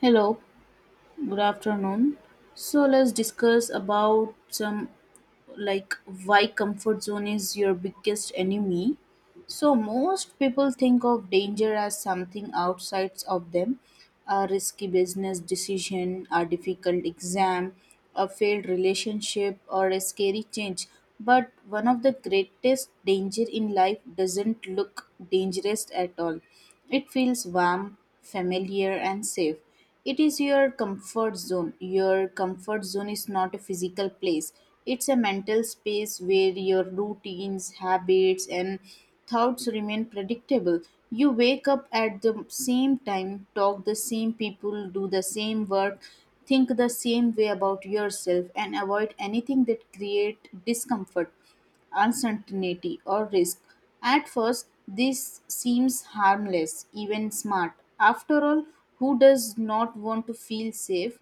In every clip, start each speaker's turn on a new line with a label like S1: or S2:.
S1: Hello, good afternoon. So let's discuss about some like why comfort zone is your biggest enemy. So most people think of danger as something outside of them, a risky business decision, a difficult exam, a failed relationship or a scary change. But one of the greatest danger in life doesn't look dangerous at all. It feels warm, familiar and safe. It is your comfort zone. Your comfort zone is not a physical place, it's a mental space where your routines, habits, and thoughts remain predictable. You wake up at the same time, talk the same people, do the same work, think the same way about yourself, and avoid anything that create discomfort uncertainty, or risk. At first, this seems harmless, even smart. After all, who does not want to feel safe?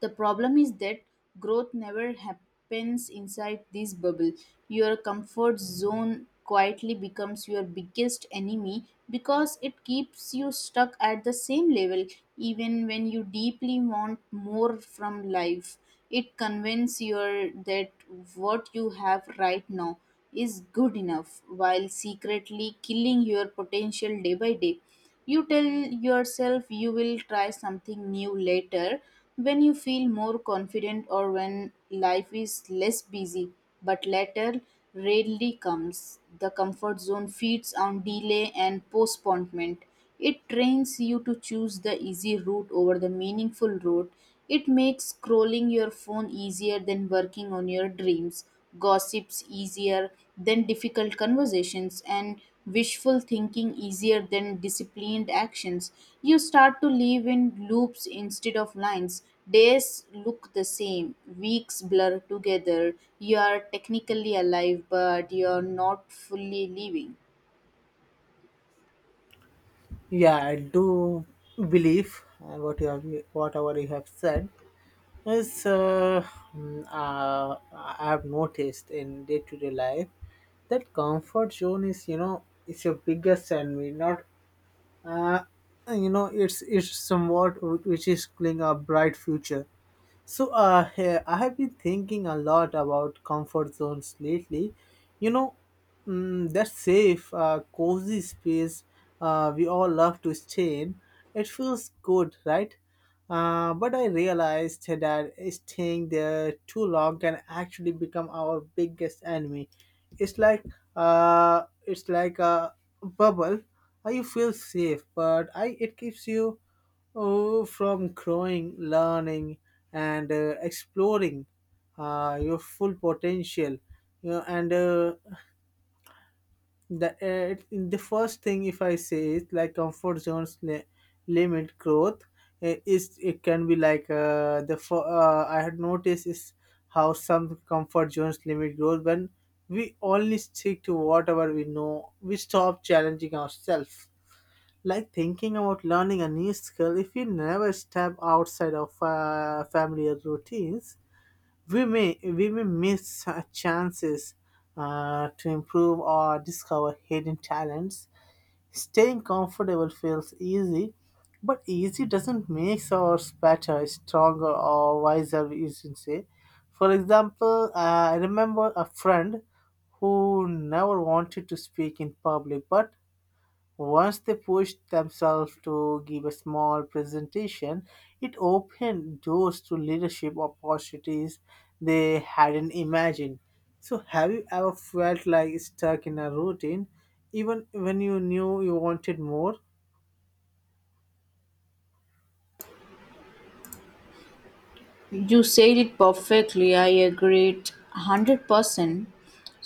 S1: The problem is that growth never happens inside this bubble. Your comfort zone quietly becomes your biggest enemy because it keeps you stuck at the same level even when you deeply want more from life. It convinces you that what you have right now is good enough while secretly killing your potential day by day. You tell yourself you will try something new later when you feel more confident or when life is less busy, but later rarely comes. The comfort zone feeds on delay and postponement. It trains you to choose the easy route over the meaningful route. It makes scrolling your phone easier than working on your dreams, gossips easier than difficult conversations, and wishful thinking easier than disciplined actions. You start to live in loops instead of lines. Days look the same, weeks blur together. You are technically alive but you are not fully living.
S2: Yeah, I do believe uh, what you have, whatever you have said is uh, I have noticed in day to day life that comfort zone is it's your biggest enemy. Not. uh, it's somewhat which is killing a bright future. So, I have been thinking a lot about comfort zones lately. You know, that safe, cozy space we all love to stay in. It feels good, right? But I realized that staying there too long can actually become our biggest enemy. It's like it's like a bubble. You feel safe, but I it keeps you. Oh, from growing, learning, and exploring your full potential. You know, and uh, the first thing, if I say is like comfort zones limit growth, is it can be like I had noticed is how some comfort zones limit growth when we only stick to whatever we know. We stop challenging ourselves, like thinking about learning a new skill. If we never step outside of familiar routines, we may miss chances to improve or discover hidden talents. Staying comfortable feels easy, but easy doesn't make us better, stronger, or wiser, you should say. For example, I remember a friend who never wanted to speak in public. But once they pushed themselves to give a small presentation, it opened doors to leadership opportunities they hadn't imagined. So, have you ever felt like stuck in a routine, even when you knew you wanted more?
S1: You said it perfectly. I agreed 100%.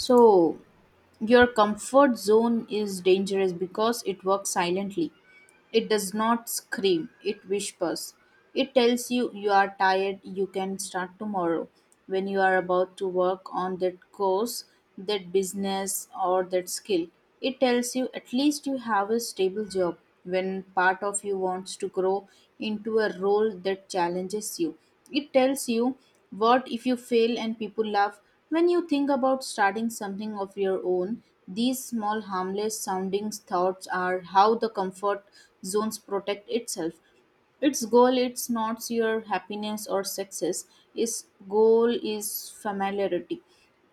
S1: So your comfort zone is dangerous because it works silently. It does not scream, it whispers. It tells you you are tired, you can start tomorrow, when you are about to work on that course, that business, or that skill. It tells you at least you have a stable job, when part of you wants to grow into a role that challenges you. It tells you what if you fail and people laugh, when you think about starting something of your own. These small, harmless sounding thoughts are how the comfort zones protect itself. Its goal it's not your happiness or success. Its goal is familiarity.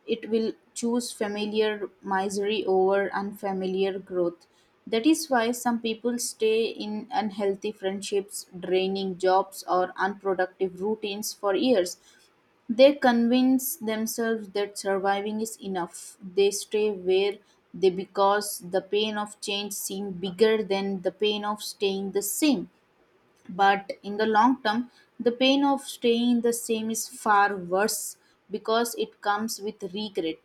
S1: It will choose familiar misery over unfamiliar growth. That is why some people stay in unhealthy friendships, draining jobs, or unproductive routines for years. They convince themselves that surviving is enough. They stay where they because the pain of change seems bigger than the pain of staying the same. But in the long term, the pain of staying the same is far worse because it comes with regret.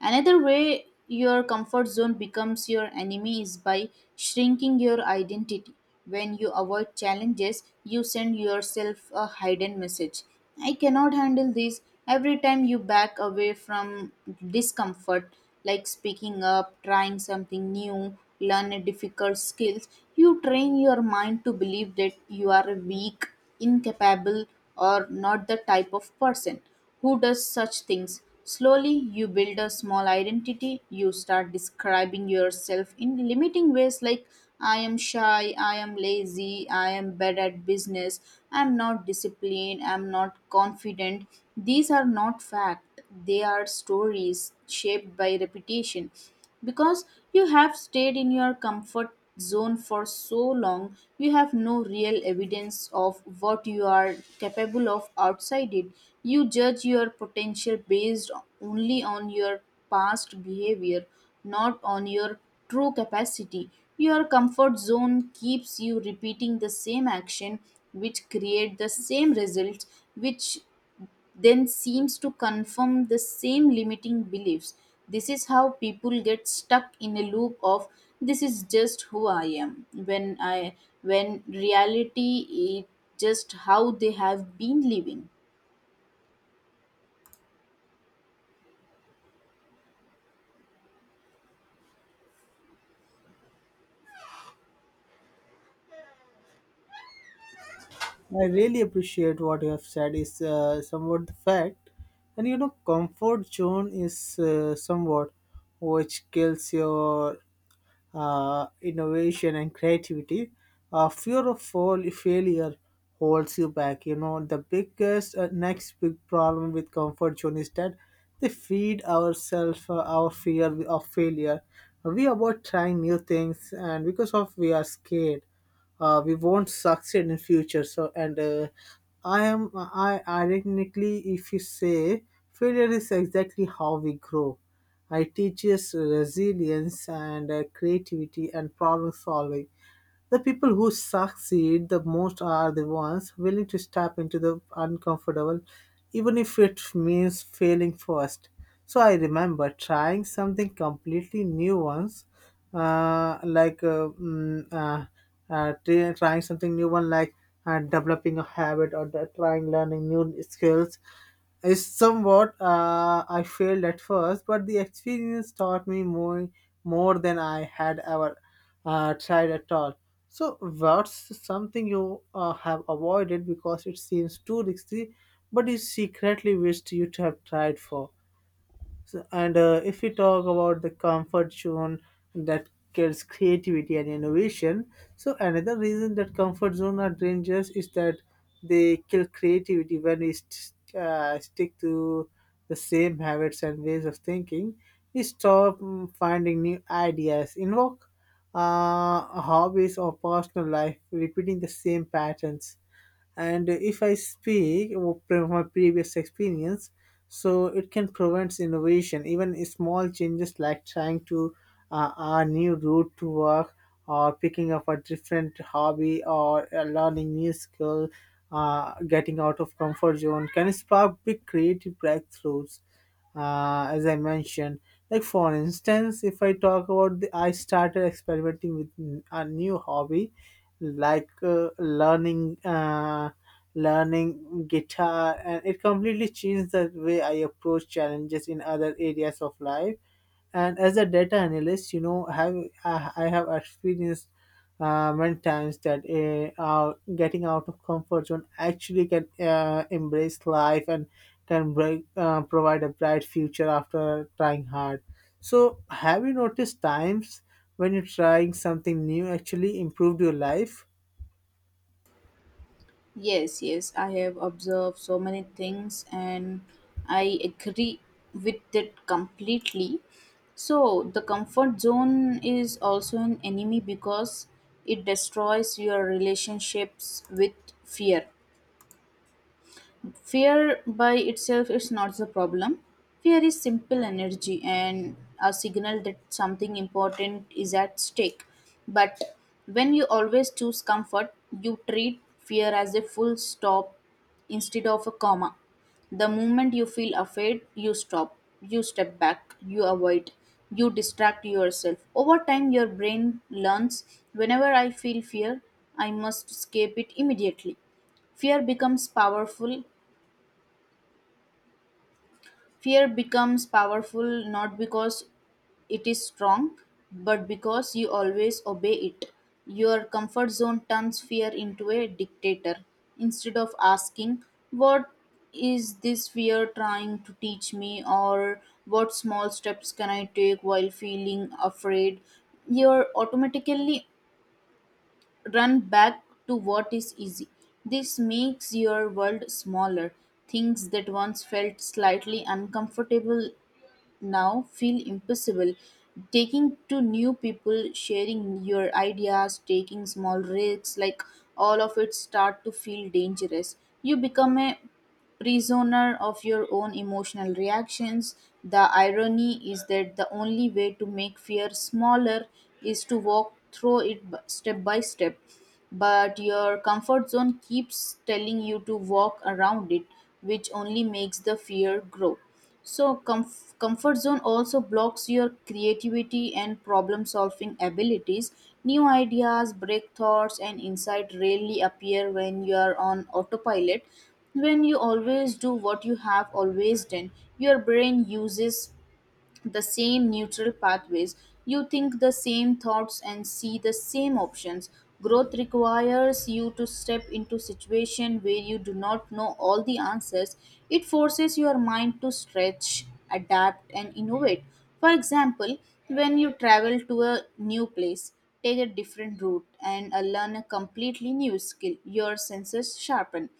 S1: Another way your comfort zone becomes your enemy is by shrinking your identity. When you avoid challenges, you send yourself a hidden message: I cannot handle this. Every time you back away from discomfort, like speaking up, trying something new, learn a difficult skills, you train your mind to believe that you are a weak, incapable, or not the type of person who does such things. Slowly, you build a small identity. You start describing yourself in limiting ways like I am shy, I am lazy, I am bad at business, I am not disciplined, I am not confident. These are not fact, they are stories shaped by repetition. Because you have stayed in your comfort zone for so long, you have no real evidence of what you are capable of outside it. You judge your potential based only on your past behavior, not on your true capacity. Your comfort zone keeps you repeating the same action, which create the same results, which then seems to confirm the same limiting beliefs. This is how people get stuck in a loop of this is just who I am, when reality is just how they have been living.
S2: I really appreciate what you have said is somewhat the fact. And, comfort zone is somewhat which kills your innovation and creativity. Fear of failure holds you back. You know, the biggest next big problem with comfort zone is that they feed ourselves our fear of failure. We avoid trying new things, and because of we are scared we won't succeed in future. So, and I am I ironically if you say, failure is exactly how we grow. It teaches resilience and creativity and problem solving. The people who succeed the most are the ones willing to step into the uncomfortable, even if it means failing first. So I remember trying something completely new once, like mm, try- trying something new one like developing a habit, or trying learning new skills is somewhat I failed at first, but the experience taught me more than I had ever tried at all. So, what's something you have avoided because it seems too risky, but you secretly wished you to have tried for? So, and if we talk about the comfort zone that kills creativity and innovation, so another reason that comfort zone are dangerous is that they kill creativity when we stick to the same habits and ways of thinking. We stop finding new ideas, invoke uh, hobbies or personal life, repeating the same patterns. And if I speak from my previous experience, so it can prevent innovation. Even small changes like trying to a new route to work, or picking up a different hobby, or learning new skill, getting out of comfort zone can spark big creative breakthroughs, as I mentioned. Like, for instance, if I talk about I started experimenting with a new hobby, like learning guitar, and it completely changed the way I approach challenges in other areas of life. And as a data analyst, have I have experienced many times that getting out of comfort zone actually can embrace life and can provide a bright future after trying hard. So, have you noticed times when you're trying something new actually improved your life?
S1: Yes, yes, I have observed so many things and I agree with that completely. So, the comfort zone is also an enemy because it destroys your relationships with fear. Fear by itself is not the problem. Fear is simple energy and a signal that something important is at stake. But when you always choose comfort, you treat fear as a full stop instead of a comma. The moment you feel afraid, you stop, you step back, you avoid, you distract yourself. Over time, your brain learns whenever I feel fear, I must escape it immediately. Fear becomes powerful Fear becomes powerful not because it is strong, but because you always obey it. Your comfort zone turns fear into a dictator. Instead of asking, what is this fear trying to teach me? Or what small steps can I take while feeling afraid? You automatically run back to what is easy. This makes your world smaller. Things that once felt slightly uncomfortable now feel impossible. Taking to new people, sharing your ideas, taking small risks, like all of it start to feel dangerous. You become a prisoner of your own emotional reactions. The irony is that the only way to make fear smaller is to walk through it step by step. But your comfort zone keeps telling you to walk around it, which only makes the fear grow. So, comfort zone also blocks your creativity and problem solving abilities. New ideas, breakthroughs, and insight rarely appear when you are on autopilot. When you always do what you have always done, your brain uses the same neutral pathways. You think the same thoughts and see the same options. Growth requires you to step into situation where you do not know all the answers. It forces your mind to stretch, adapt and innovate. For example, when you travel to a new place, take a different route and learn a completely new skill. Your senses sharpen,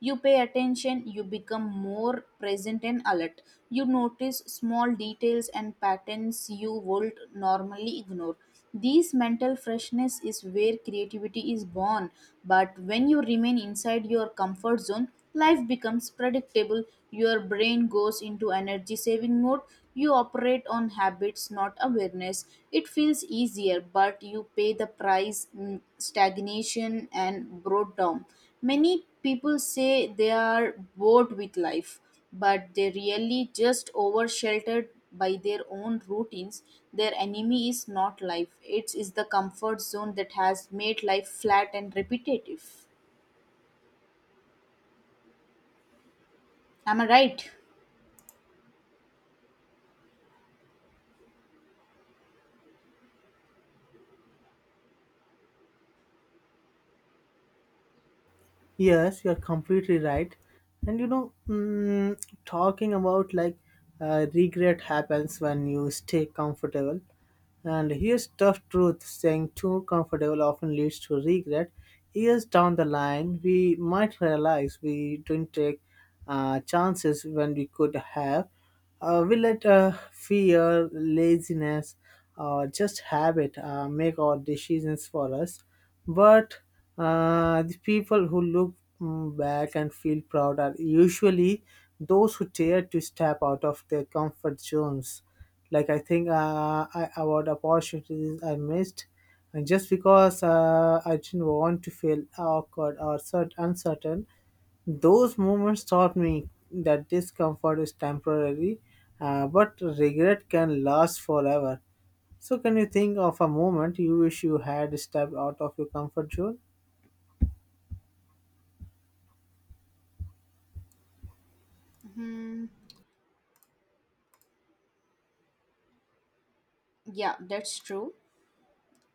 S1: you pay attention, you become more present and alert. You notice small details and patterns you would normally ignore. This mental freshness is where creativity is born. But when you remain inside your comfort zone, life becomes predictable. Your brain goes into energy saving mode. You operate on habits, not awareness. It feels easier, but you pay the price, stagnation and broad down. Many people say they are bored with life, but they really just oversheltered by their own routines. Their enemy is not life. It is the comfort zone that has made life flat and repetitive. Am I right?
S2: Yes, you're completely right. And, talking about, like, regret happens when you stay comfortable. And here's tough truth: staying too comfortable often leads to regret. Years down the line, we might realize we didn't take chances when we could have. We let fear, laziness, or just habit make our decisions for us. But the people who look back and feel proud are usually those who dare to step out of their comfort zones. Like, I think I about opportunities I missed, and just because I didn't want to feel awkward or uncertain. Those moments taught me that discomfort is temporary, but regret can last forever. So, can you think of a moment you wish you had stepped out of your comfort zone?
S1: Yeah, that's true.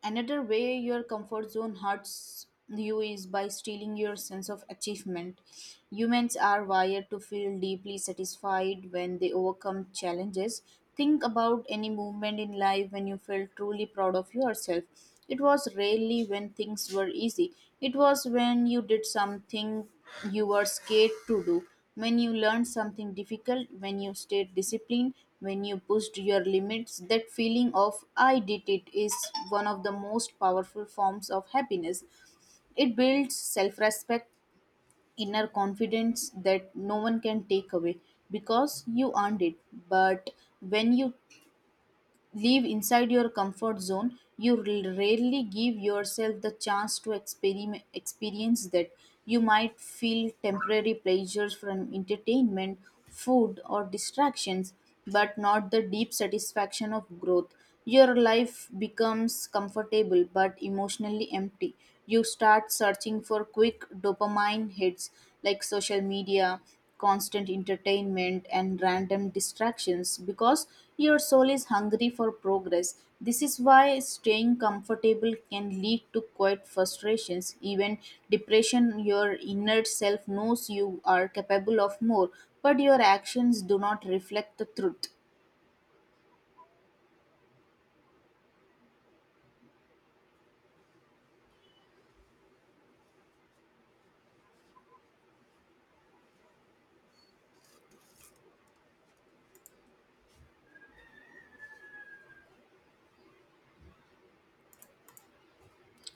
S1: Another way your comfort zone hurts you is by stealing your sense of achievement. Humans are wired to feel deeply satisfied when they overcome challenges. Think about any movement in life when you felt truly proud of yourself. It was rarely when things were easy, it was when you did something you were scared to do, when you learned something difficult, when you stayed disciplined, when you pushed your limits. That feeling of I did it is one of the most powerful forms of happiness. It builds self respect, inner confidence that no one can take away because you earned it. But when you live inside your comfort zone, you rarely give yourself the chance to experience that. You might feel temporary pleasures from entertainment, food, or distractions, but not the deep satisfaction of growth. Your life becomes comfortable but emotionally empty. You start searching for quick dopamine hits like social media, constant entertainment, and random distractions because your soul is hungry for progress. This is why staying comfortable can lead to quiet frustrations, even depression. Your inner self knows you are capable of more, but your actions do not reflect the truth.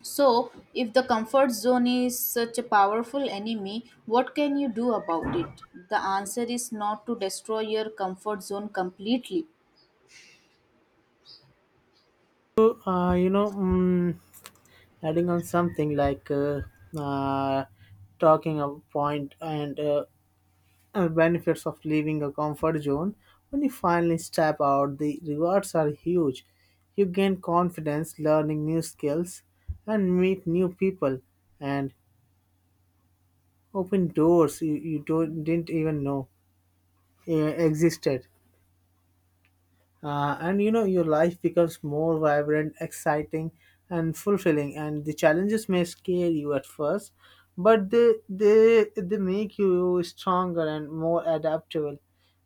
S1: So, if the comfort zone is such a powerful enemy, what can you do about it? The answer is not to destroy your comfort zone completely.
S2: So, adding on something like uh, talking a point, and benefits of leaving a comfort zone. When you finally step out, the rewards are huge. You gain confidence, learning new skills and meet new people, and open doors you, you don't, didn't even know existed. And your life becomes more vibrant, exciting, and fulfilling. And the challenges may scare you at first, but they make you stronger and more adaptable.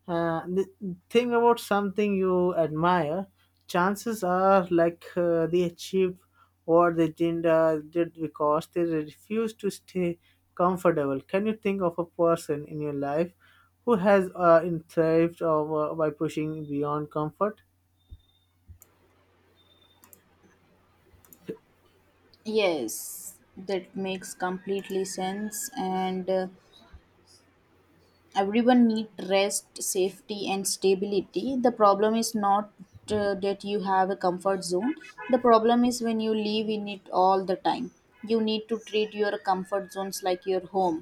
S2: The thing about something you admire, chances are they achieved what they didn't did because they refused to stay comfortable. Can you think of a person in your life who has in thrived by pushing beyond comfort?
S1: Yes, that makes completely sense, and everyone need rest safety and stability. The problem is not that you have a comfort zone, the problem is when you live in it all the time. You need to treat your comfort zones like your home,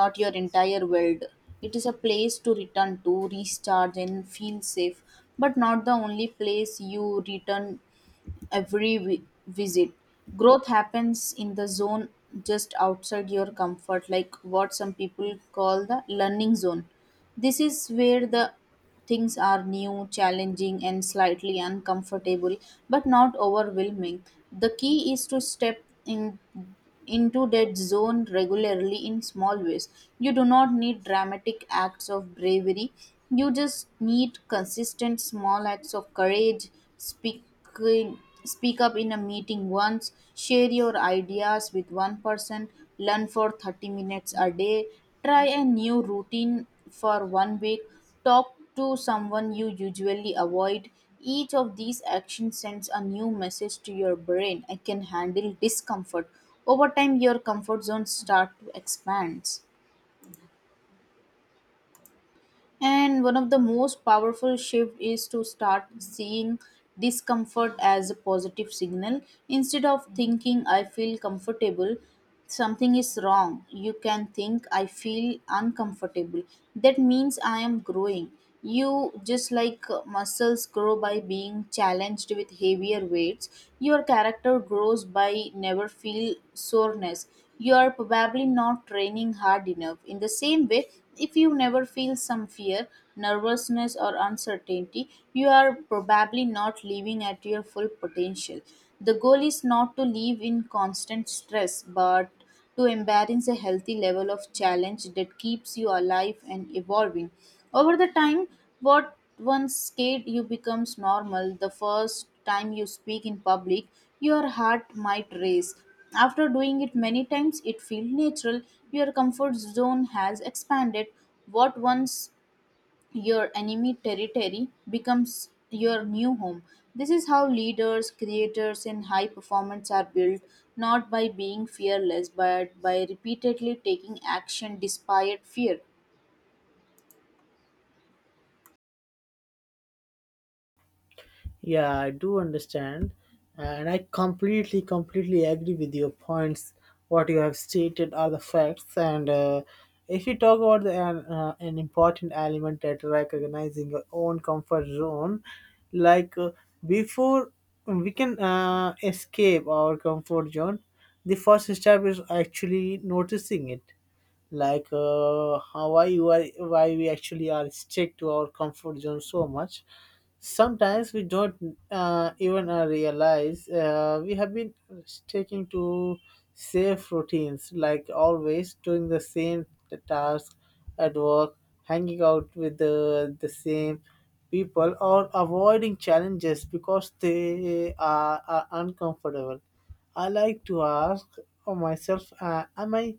S1: not your entire world. It is a place to return to recharge and feel safe, but not the only place you return every visit. Growth happens in the zone just outside your comfort, like what some people call the learning zone. This is where the things are new, challenging, and slightly uncomfortable, but not overwhelming. The key is to step in into that zone regularly in small ways. You do not need dramatic acts of bravery. You just need consistent small acts of courage. Speak speak up in a meeting once, share your ideas with one person, learn for 30 minutes a day, try a new routine for 1 week, talk to someone you usually avoid. Each of these actions sends a new message to your brain: I can handle discomfort. Over time, your comfort zone start to expand. And one of the most powerful shift is to start seeing discomfort as a positive signal instead of thinking I feel comfortable something is wrong. You can think I feel uncomfortable that means I am growing. You just like muscles grow by being challenged with heavier weights, your character grows by never feel soreness you are probably not training hard enough. In the same way, if you never feel some fear, nervousness or uncertainty, you are probably not living at your full potential. The goal is not to live in constant stress but to embrace a healthy level of challenge that keeps you alive and evolving. Over the time, what once scared you becomes normal. The first time you speak in public, your heart might race. After doing it many times, it feels natural. Your comfort zone has expanded. What once your enemy territory becomes your new home. This is how leaders, creators, and high performance are built, not by being fearless but by repeatedly taking action despite fear.
S2: Yeah, I do understand, and I completely, completely agree with your points. What you have stated are the facts, and if you talk about an important element, that recognizing your own comfort zone, like uh, before we can escape our comfort zone, the first step is actually noticing it, like how why you are why we actually are stick to our comfort zone so much. Sometimes we don't even realize we have been sticking to safe routines, like always doing the same task at work, hanging out with the same people, or avoiding challenges because they are uncomfortable. I like to ask myself, am I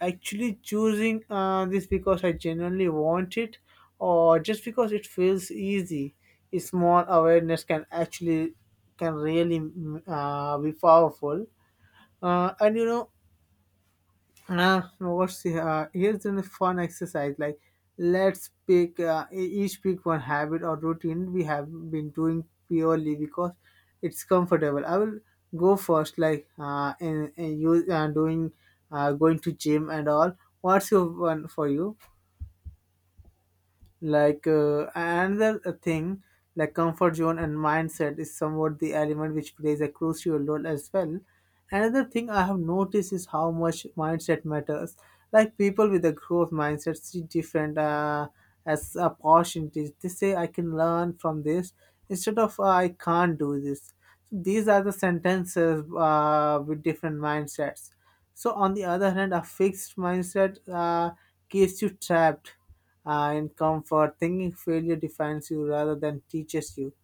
S2: actually choosing this because I genuinely want it, or just because it feels easy? A small awareness can can really be powerful. Uh, and you know, what's Here's a fun exercise. Like, let's each pick one habit or routine we have been doing purely because it's comfortable. I will go first. Like, and you doing going to gym and all. What's your one for you? Like, another thing, like comfort zone and mindset is somewhat the element which plays a crucial role as well. Another thing I have noticed is how much mindset matters. Like, people with a growth mindset see different as opportunities. They say, "I can learn from this," instead of "I can't do this." So these are the sentences with different mindsets. So, on the other hand, a fixed mindset keeps you trapped in comfort. Thinking failure defines you rather than teaches you.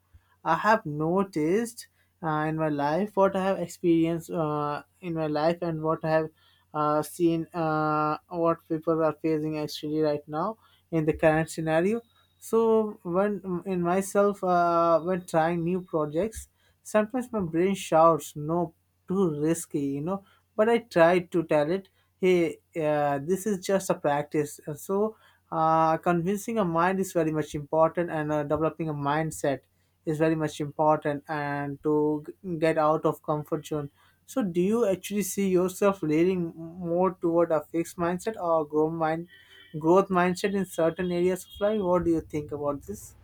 S2: I have noticed in my life, what I have experienced in my life, and what I have seen, what people are facing actually right now in the current scenario. So when in myself, when trying new projects, sometimes my brain shouts, "No, too risky." But I try to tell it, "Hey, this is just a practice." And so, convincing a mind is very much important, and developing a mindset is very much important, and to get out of comfort zone. So, do you actually see yourself leaning more toward a fixed mindset or growth mindset in certain areas of life? What do you think about this?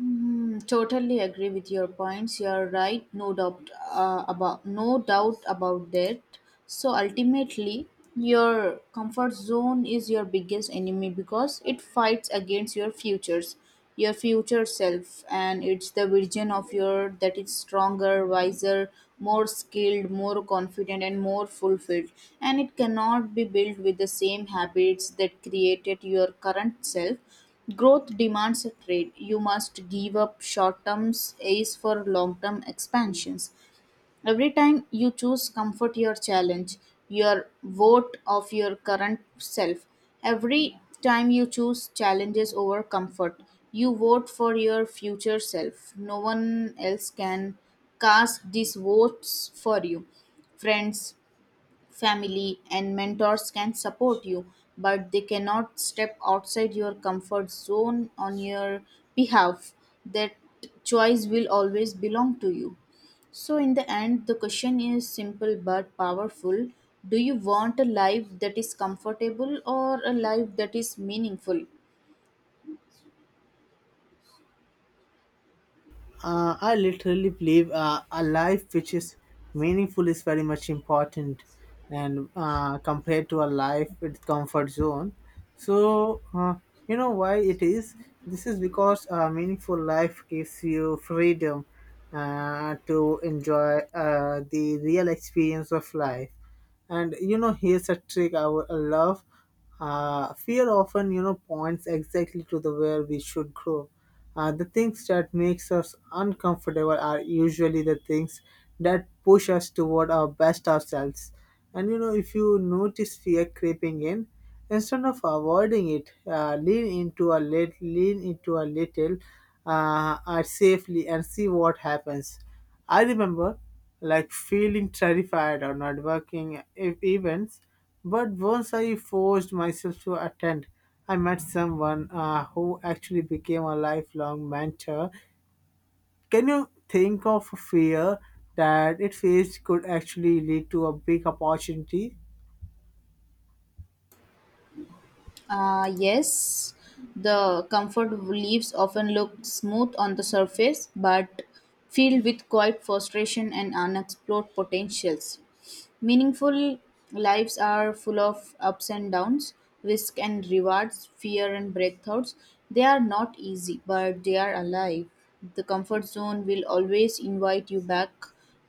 S1: Mm, totally agree with your points. You are right, no doubt about no doubt about that. So ultimately, your comfort zone is your biggest enemy because it fights against your futures, your future self, and it's the version of your that is stronger, wiser, more skilled, more confident, and more fulfilled. And it cannot be built with the same habits that created your current self. Growth demands a trade. You must give up short term ace for long term expansions. Every time you choose comfort your challenge, your vote of your current self. Every time you choose challenges over comfort, you vote for your future self. No one else can cast these votes for you. Friends, family, and mentors can support you, but they cannot step outside your comfort zone on your behalf. That choice will always belong to you. So, in the end, the question is simple but powerful. Do you want a life that is comfortable or a life that is meaningful?
S2: I literally believe a life which is meaningful is very much important, and compared to a life with comfort zone. So, you know why it is. This is because a meaningful life gives you freedom to enjoy the real experience of life. And, here's a trick I would love. Fear often, points exactly to the where we should grow. The things that makes us uncomfortable are usually the things that push us toward our best ourselves. And, if you notice fear creeping in, instead of avoiding it, lean into a little safely, and see what happens. I remember like feeling terrified or not working events, but once I forced myself to attend, I met someone who actually became a lifelong mentor. Can you think of a fear that it faced could actually lead to a big opportunity?
S1: Yes, the comfort leaves often look smooth on the surface but filled with quiet frustration and unexplored potentials. Meaningful lives are full of ups and downs, risk and rewards, fear and breakthroughs. They are not easy, but they are alive. The comfort zone will always invite you back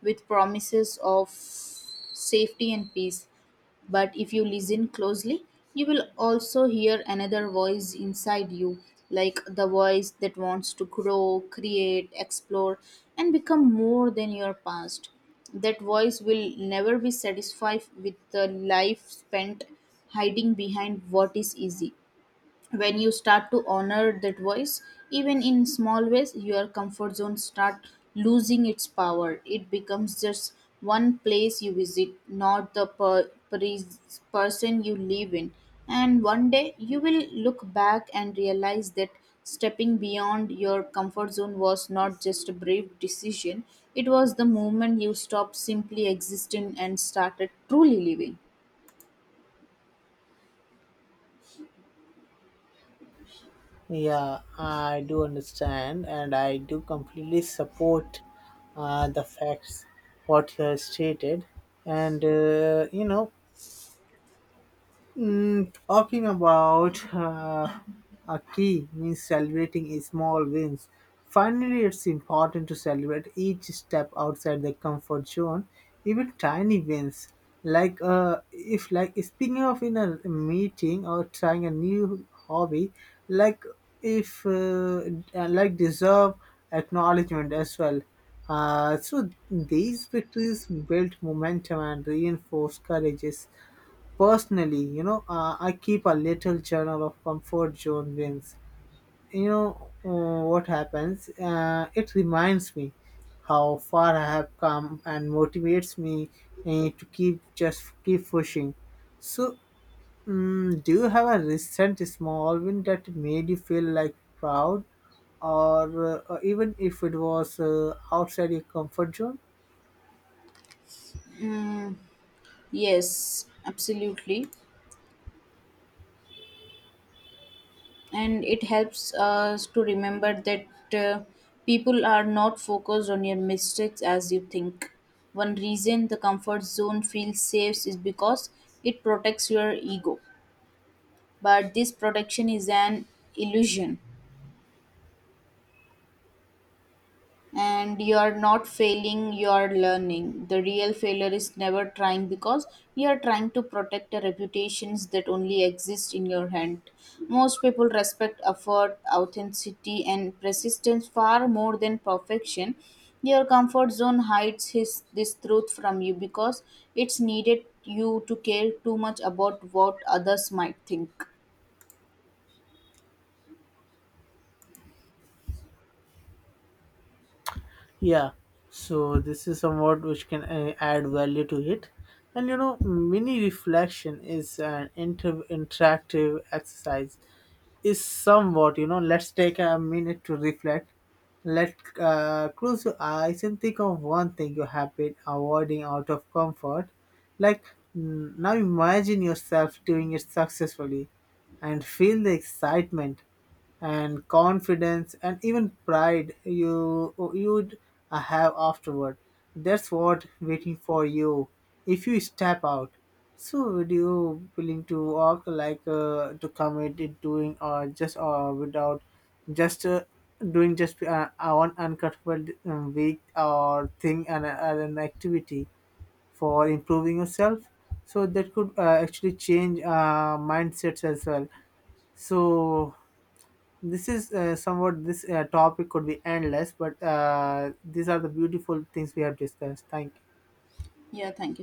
S1: with promises of safety and peace. But if you listen closely, you will also hear another voice inside you, like the voice that wants to grow, create, explore, and become more than your past. That voice will never be satisfied with the life spent hiding behind what is easy. When you start to honor that voice, even in small ways, your comfort zone start losing its power. It becomes just one place you visit, not the person you live in. And one day you will look back and realize that stepping beyond your comfort zone was not just a brave decision, it was the moment you stopped simply existing and started truly living.
S2: Yeah, I do understand, and I do completely support the facts what you have stated. And, talking about a key means celebrating small wins. Finally, it's important to celebrate each step outside the comfort zone, even tiny wins. Like, if like speaking of in a meeting or trying a new hobby, like if like deserve acknowledgement as well. So these victories build momentum and reinforce courages. Personally, I keep a little journal of comfort zone wins. You know what happens? It reminds me how far I have come and motivates me to keep just keep pushing. So, do you have a recent small win that made you feel like proud, or even if it was outside your comfort zone?
S1: Yes, absolutely, and it helps us to remember that uh, people are not focused on your mistakes as you think. One reason the comfort zone feels safe is because it protects your ego, but this protection is an illusion. And you are not failing, you are learning. The real failure is never trying, because you are trying to protect the reputations that only exist in your hand. Most people respect effort, authenticity and persistence far more than perfection. Your comfort zone hides this truth from you because it's needed you to care too much about what others might think.
S2: Yeah, so this is somewhat which can add value to it. And, mini reflection is an interactive exercise. Is somewhat, let's take a minute to reflect. Let close your eyes and think of one thing you have been avoiding out of comfort. Like, now, imagine yourself doing it successfully, and feel the excitement and confidence and even pride you'd have afterward. That's what waiting for you if you step out. So, would you willing to walk to commit it doing, or just, or without just doing just one uncomfortable week or thing and an activity for improving yourself, so that could actually change mindsets as well. So, this is somewhat this topic could be endless, but these are the beautiful things we have discussed. Thank you.
S1: Yeah, thank you so